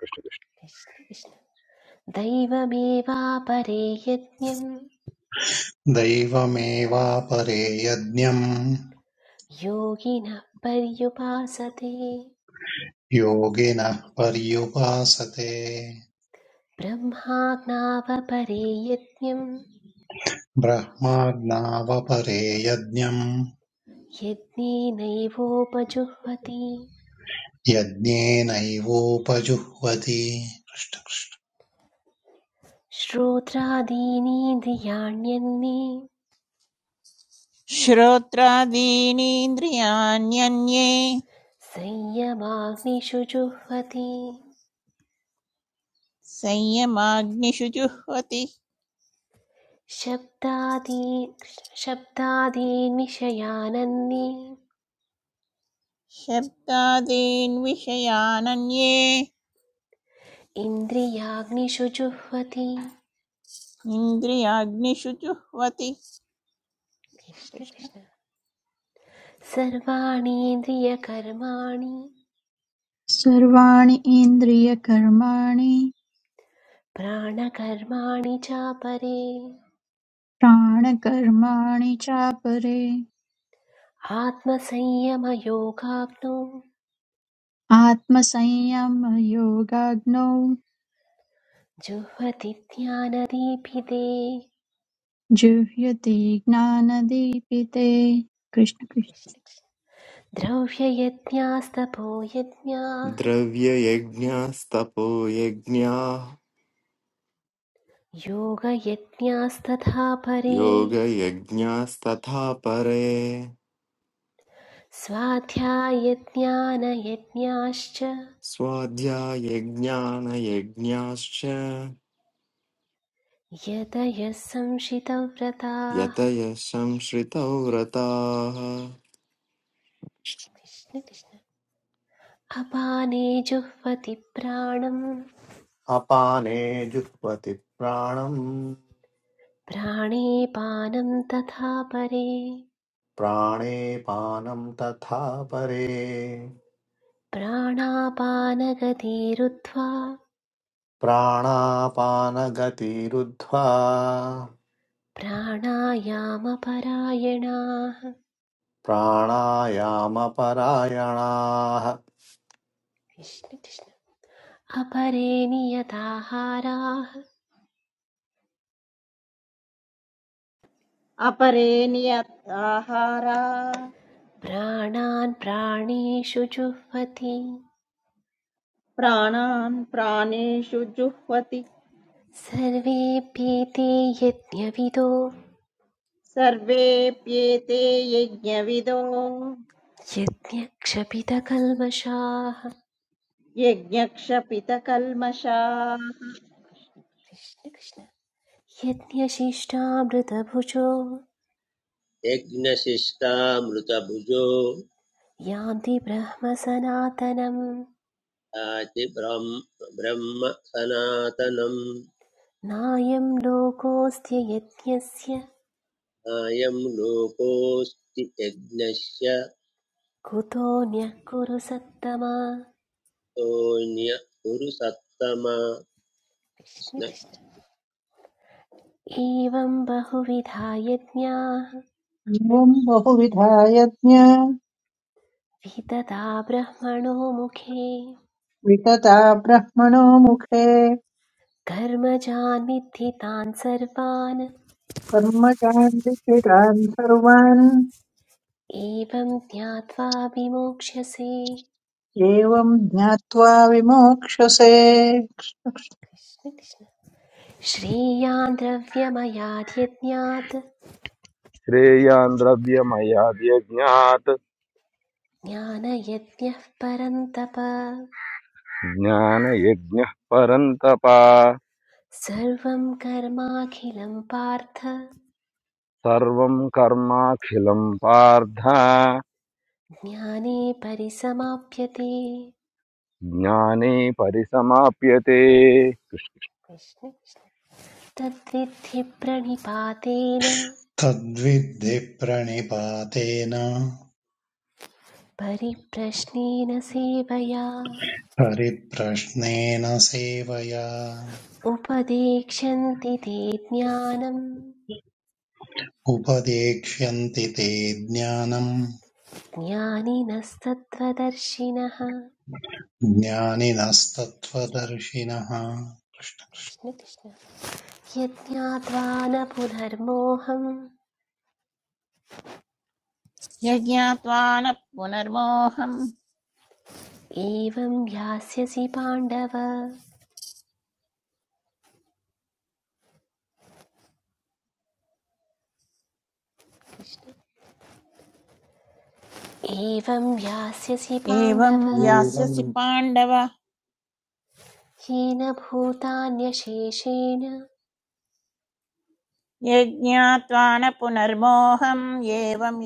F: कृष्ण कृष्ण।
D: कृष्ण कृष्ण दैवमेवापरे यज्ञम्
G: दैवमेवापरे यज्ञम्
D: योगिनः पर्युपासते
G: योगिनः पर्युपासते
D: ब्रह्माज्ञावपरे यज्ञम्
G: ब्रह्माज्ञावपरे यज्ञम्
D: यज्ञेनैवोपजुह्वति
G: यज्ञेनैवोपजुह्वति
D: श्रोत्रादीनीन्द्रियाण्यन्ये
H: श्रोत्रादीनीन्द्रियाण्यन्ये
D: संयमाग्निषु जुह्वति
H: संयमाग्निषु जुह्वति
D: शब्दादी शब्दादीन् विषयानन्ये
H: शब्दादीन् विषयानन्ये
D: इंद्रियाग्निषु जुह्वति
H: इन्द्रियाग्निषु जुह्वति
D: कृष्ण
H: कृष्ण
D: कृष्ण सर्वाणि इन्द्रियकर्माणि
I: सर्वाणि इन्द्रियकर्माणि
D: प्राणकर्माणि चापरे
I: प्राणकर्माणि चापरे
D: आत्मसंयमयोगाग्नो
I: आत्मसंयमयोगाग्नौ
D: जुह्वति ज्ञानदीपिते
I: जुह्यति ज्ञानदीपिते कृष्ण कृष्ण
D: कृष्ण कृष्ण द्रव्ययज्ञास्तपो यज्ञाः
J: Dravya yagnya sthapo yagnya
D: योगयज्ञास्तथा परे
J: yoga yagnya sthathapare
D: स्वाध्यायज्ञानयज्ञाश्च
J: swadhyaya gnana yagnashya
D: यतयः संशितव्रताः
J: yatayasamshrityauvratah
D: कृष्ण कृष्ण अपाने जुह्वति प्राणं
A: अपाने जुह्वति प्राणं
D: प्राणे पानं तथा परे
A: प्राणे पानं तथा परे
D: प्राणापानगतिरुत्वा
A: प्राणापानगतिरुद्ध्वा
D: प्राणायामपरायणाः
A: प्राणायामपरायणाः
D: कृष्ण कृष्ण अपरे नियताहाराः
B: अपरे नियत आहारा
D: प्राणान् प्राणेषु जुह्वति
B: प्राणान् प्राणेषु जुह्वति
D: सर्वेऽप्येते यज्ञविदो
B: सर्वेऽप्येते यज्ञविदो
D: यज्ञक्षपितकल्मषाः
B: यज्ञक्षपितकल्मषाः
D: कृष्ण कृष्ण यज्ञशिष्टामृतभुजो
C: यज्ञशिष्टामृतभुजो
D: यान्ति ब्रह्मसनातनम्
C: याति ब्रह्म ब्रह्म सनातनम्
D: नायं लोकोऽस्त्य यज्ञस्य
C: अयं लोकोऽस्ति यज्ञस्य
D: कुतोऽन्यः कुरु सत्तमा
C: सोऽन्य कुरु सत्तम
D: कृष्ण कृष्ण एवं बहुविधा यज्ञाः
E: एवम् बहुविधा यज्ञ
D: वितता ब्रह्मणो मुखे
E: वितता ब्रह्मणो मुखे
D: कर्मजान् विद्धि सर्वान्
E: कर्मजान् विहितान् सर्वान्
D: एवं ज्ञात्वा विमोक्ष्यसे
E: एवम् ज्ञात्वा विमोक्षसे
D: कृष्ण कृष्ण श्रेयान् द्रव्यमयाद्यज्ञात्
F: श्रेयान् द्रव्यमयाद्यज्ञात्
D: ज्ञानयज्ञः परन्तप
F: ज्ञानयज्ञः परन्तप
D: सर्वं कर्माखिलं पार्थ
F: सर्वं कर्माखिलं पार्थ
D: ज्ञाने परिसमाप्यते
F: ज्ञाने परिसमाप्यते
D: कृष्ण कृष्ण। तद्विद्धि प्रणिपातेन
G: तद्विद्धिप्रणिपातेन
D: परिप्रश्नेन सेवया
G: परिप्रश्नेन सेवया
D: उपदेक्षन्ति ते ज्ञानं
G: उपदेक्ष्यन्ति ते ज्ञानम्
D: ज्ञानिनस्तत्त्वदर्शिनः कृष्ण
G: ज्ञानिनस्तत्त्वदर्शिनः
D: कृष्ण यज्ञात्वा न पुनर्मोहम्
H: यज्ञात्वा न पुनर्मोहम्
D: एवं यास्यसि पाण्डव एवं यास्यसि
H: एवं
D: पाण्डव
A: एवम्
H: यास्यसि पाण्डव
D: येन भूतान्यशेषेण
H: यज्ञात्वा न पुनर्मोहम् एवं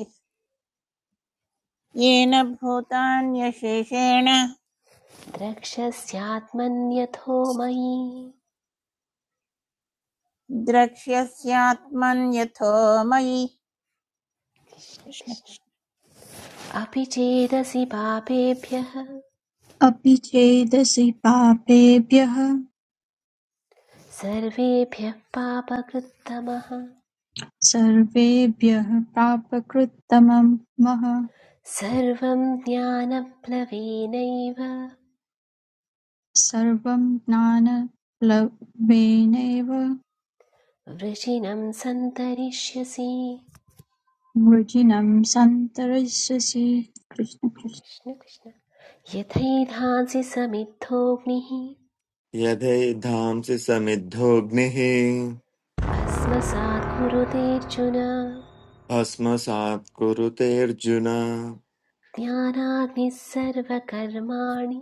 H: येन भूतान्यशेषेण
D: द्रक्ष्यस्यात्मन्यथो मयि
H: द्रक्ष्यस्यात्मन्यथो मयि
D: कृष्ण
H: कृष्ण
D: कृष्ण
H: कृष्ण
D: अपि चेदसि पापेभ्यः
I: अपि चेदसि पापेभ्यः
D: सर्वेभ्यः पापकृत्तमः
I: सर्वेभ्यः पापकृत्तमं मः
D: सर्वं ज्ञानप्लवेनैव
I: सर्वं ज्ञानप्लवेनैव
D: वृषिणं सन्तरिष्यसि
I: वृजिनं सन्तरिष्यसि कृष्ण कृष्ण
D: कृष्ण कृष्ण यथैधांसि समिद्धोऽग्निः
J: yathey dhamse samiddhognehi
D: भस्मसात् कुरुतेऽर्जुन
J: basmasaadhakuru teerjuna
D: ज्ञानाग्निः सर्वकर्माणि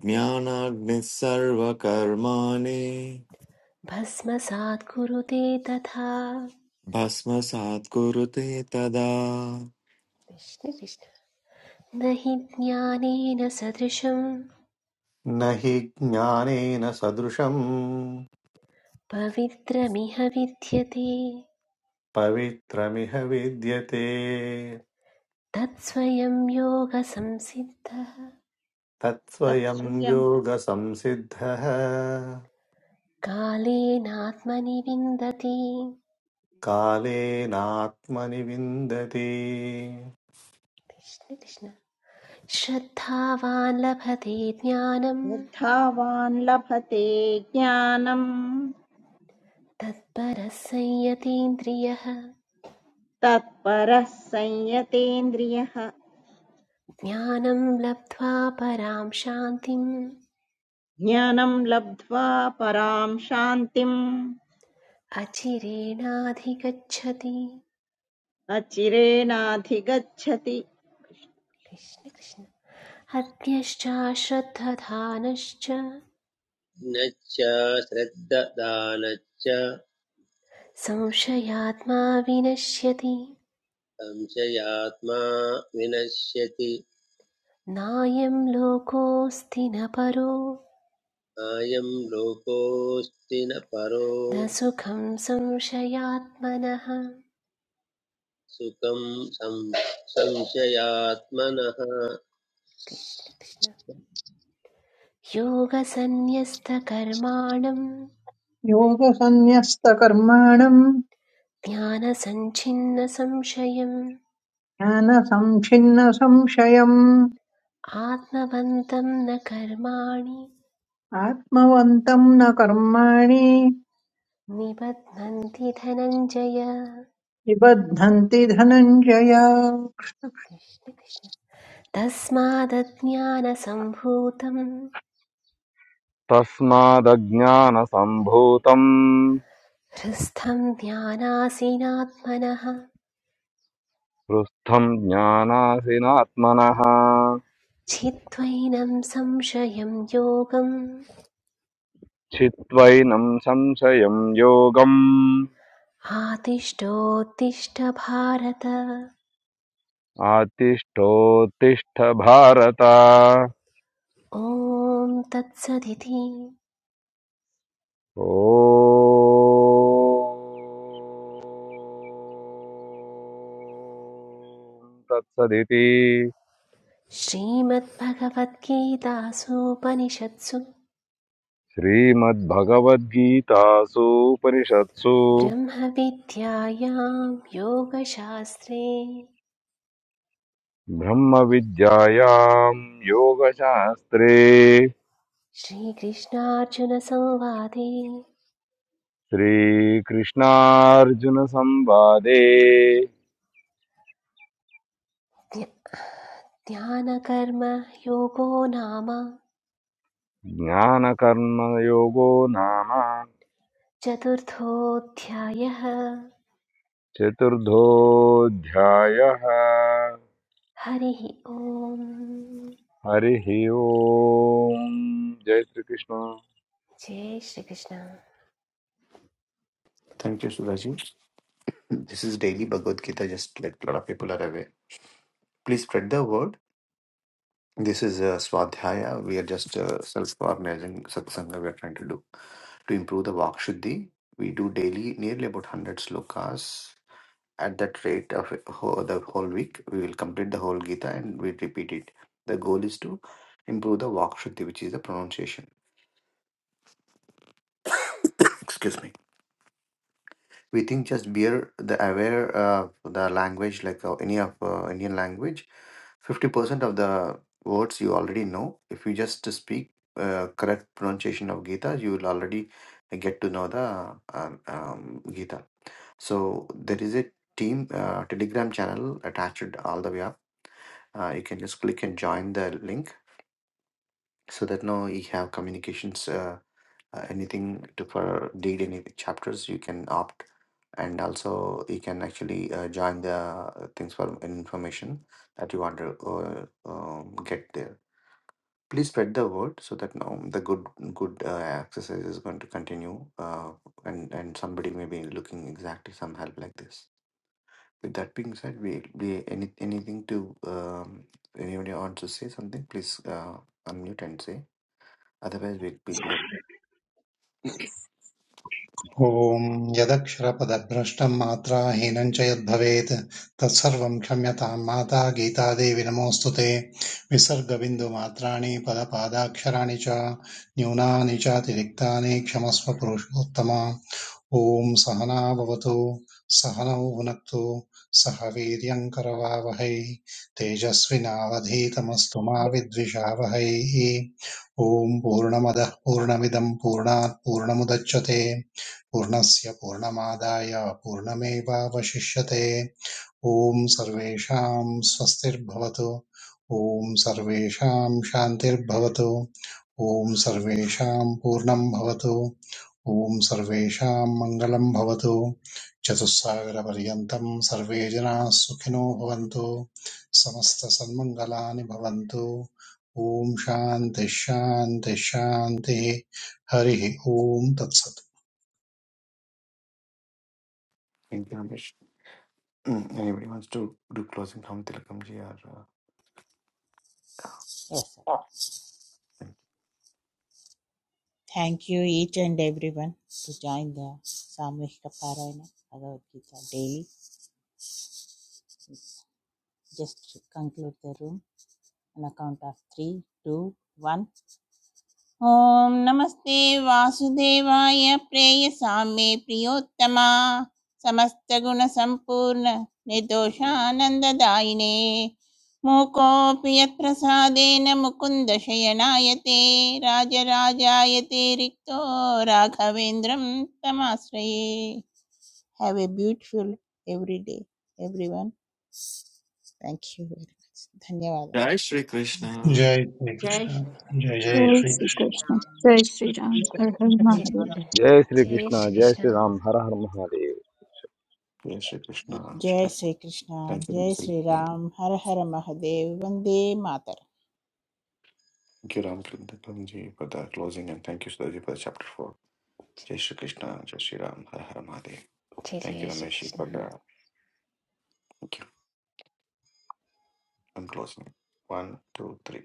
J: gnana gnisarvakarmane
D: भस्मसात् कुरुते तथा
J: basmasaadhakuru teeta da.
D: Krishna Krishna न हि ज्ञानेन सदृशं
A: न हि ज्ञानेन सदृशम्
D: पवित्रमिह विद्यते
A: पवित्रमिह विद्यते
D: तत्स्वयं योगसंसिद्धः
A: तत्स्वयं
B: तत्स्वयं
A: योगसंसिद्धः
D: कालेनात्मनि विन्दति
A: कालेनात्मनि विन्दति
D: कृष्ण कृष्ण श्रद्धावान् लभते ज्ञानं
B: श्रद्धावान् लभते ज्ञानम्
D: तत्परः संयतीन्द्रियः
B: तत्परः संयतेन्द्रियः
D: ज्ञानं लब्ध्वा परां शान्तिम्
B: ज्ञानं लब्ध्वा पराम् शान्तिम्
D: अचिरेणाधिगच्छति
B: अचिरेणाधिगच्छति
D: कृष्ण कृष्ण हत्यश्चाश्रद्धधानश्च
C: कृष्णज्ञश्च श्रद्धदानश्च
D: संशयात्मा विनश्यति
C: संशयात्मा विनश्यति
D: नायं लोकोऽस्ति न परो
C: अयं लोकोऽस्ति न परो
D: न सुखं संशयात्मनः
C: सुखं संशयात्मनः
D: कृष्ण कृष्ण योगसन्न्यस्तकर्माणं
E: योगसन्न्यस्तकर्माणम्
D: ज्ञानसञ्छिन्नसंशयम्
E: ज्ञानसंच्छिन्नसंशयम्
D: आत्मवन्तं न कर्माणि
E: आत्मवन्तं न कर्माणि
D: निबध्नन्ति धनञ्जय
E: निबध्नन्ति धनञ्जय
D: कृष्ण कृष्ण तस्मादज्ञानसम्भूतं
F: तस्मादज्ञानसम्भूतम्
D: हृस्थं ध्यानासीनात्मनः
F: पृष्ठम् ज्ञानासिनात्मनः
D: छित्त्वैनं संशयं योगम्
F: छित्त्वैनं संशयं योगम्
D: आतिष्ठोत्तिष्ठ भारत
F: आतिष्ठोत्तिष्ठ भारत
D: ॐ तत्सदिति
F: ओ तत्सदिति
D: श्रीमद्भगवद्गीतासूपनिषत्सु
F: श्रीमद्भगवद्गीतासु उपनिषत्सु
D: ब्रह्मविद्यायां योगशास्त्रे
F: ब्रह्मविद्यायाम् योगशास्त्रे
D: श्रीकृष्णार्जुनसंवादे
F: श्रीकृष्णार्जुनसंवादे
D: ध्यानकर्म योगो नाम
F: ज्ञानकर्मयोगो नाम
D: चतुर्थोऽध्यायः
F: चतुर्थोऽध्यायः
D: हरिः ओम्
F: हरिः ओम् जय श्रीकृष्ण
D: जय Shrikrishna
A: thank you Sudhaji This is daily Bhagavad Gita, just like a lot of people are aware. Please spread the word. This is a Swadhyaya. We are just uh, self organizing satsanga we are trying to do. To improve the Vakshuddhi, we do daily nearly about 100 slokas. At that rate of a whole- the whole week, we will complete the whole Gita and we repeat it. The goal is to improve the Vakshuddhi, which is the pronunciation. *coughs* Excuse me. we think just beer the aware uh, the language like uh, any of uh, Indian language, 50% of the words you already know. If you just to speak uh, correct pronunciation of Gita, you will already get to know the um, um, Gita. So there is a team uh, Telegram channel attached all the way up. Uh, you can just click and join the link so that now you have communications uh, uh, anything to for read any chapters you can opt and also you can actually uh, join the uh, things for information that you want to uh, um, get there please spread the word so that now the good good uh, exercise is going to continue uh, and and somebody may be looking exactly some help like this with that being said we, we any, anything to um, anybody wants to say something please uh, unmute and say Otherwise, big big loan. *clears throat* Thank
G: ॐ यदक्षरपदभ्रष्टम् मात्राहीनम् च यद्भवेत् तत्सर्वम् क्षम्यताम् माता गीतादेवी नमोऽस्तु ते विसर्गबिन्दुमात्राणि पदपादाक्षराणि च न्यूनानि चातिरिक्तानि क्षमस्व पुरुषोत्तम ॐ सहना भवतु सहनौ भुनक्तु सह वीर्यं करवावहै तेजस्विनावधीतमस्तु मा विद्विषावहै ॐ पूर्णमदः पूर्णमिदं पूर्णात् पूर्णमुदच्यते पूर्णस्य पूर्णमादाय पूर्णमेवावशिष्यते ॐ सर्वेषां स्वस्तिर्भवतु ॐ सर्वेषां शान्तिर्भवतु ॐ सर्वेषां पूर्णं भवतु ॐ सर्वेषां मङ्गलं भवतु चतुस्सागरपर्यन्तं सर्वे जनाः सुखिनो भवन्तु समस्तसन्मङ्गलानि भवन्तु ॐ शान्ति शान्ति शान्तिः हरिः ॐ तत्सत्
A: you, Ramesh. Mm, Anybody wants to do closing from Tilakamji or uh, thank
H: Thank you, each and everyone, to join the Samvihika Parayana Bhagavad Gita daily. Just to conclude the room on account of three, two, one. Om Namaste Vasudevaya Preya Same Priyottama Samasta Guna Sampurna Nidoshananda Daine మూకోపి యత్ప్రసాదేన Mukunda శయనాయతే రాజరాజాయతే రిక్తో Raghavendram తమాశ్రయే Have a beautiful every day, everyone. Thank you very much. धन्यवाद
J: दैवश्री
G: जय
J: कृष्णा
B: जय
G: श्रीकृष्ण
B: श्री
G: जय
B: कृष्ण
G: जय
I: जय
B: जय
I: श्री
G: श्रीकृष्ण
I: कृष्ण
B: श्रीराम
I: जय श्री राम हर हर
B: हर
D: जय
I: महादेव
B: हर महादेव
F: जय
B: वन्दे
D: जय
F: श्रीकृष्ण जय
D: श्रीकृष्ण
B: मातरम्
F: श्रीराम हर हर Mahadev
A: you, Jai Shri Krishna?
H: जय
A: Start.
H: Shri Krishna
A: Thank you,
H: जय
A: Ramji. Thank
H: Shri
A: you,
H: Ram हर हर महादेव वंदे मातर
A: Thank you, Ram Tilakamji, for the closing, and thank you, Sudaji, for the chapter 4. Jai Shri Krishna, Jai Shri Ram, Har Har Mahadev.
D: जय
A: Thank you,
D: जय
A: Ramesh,
D: Shri Krishna
A: for the thank you. I'm closing. One, two, three.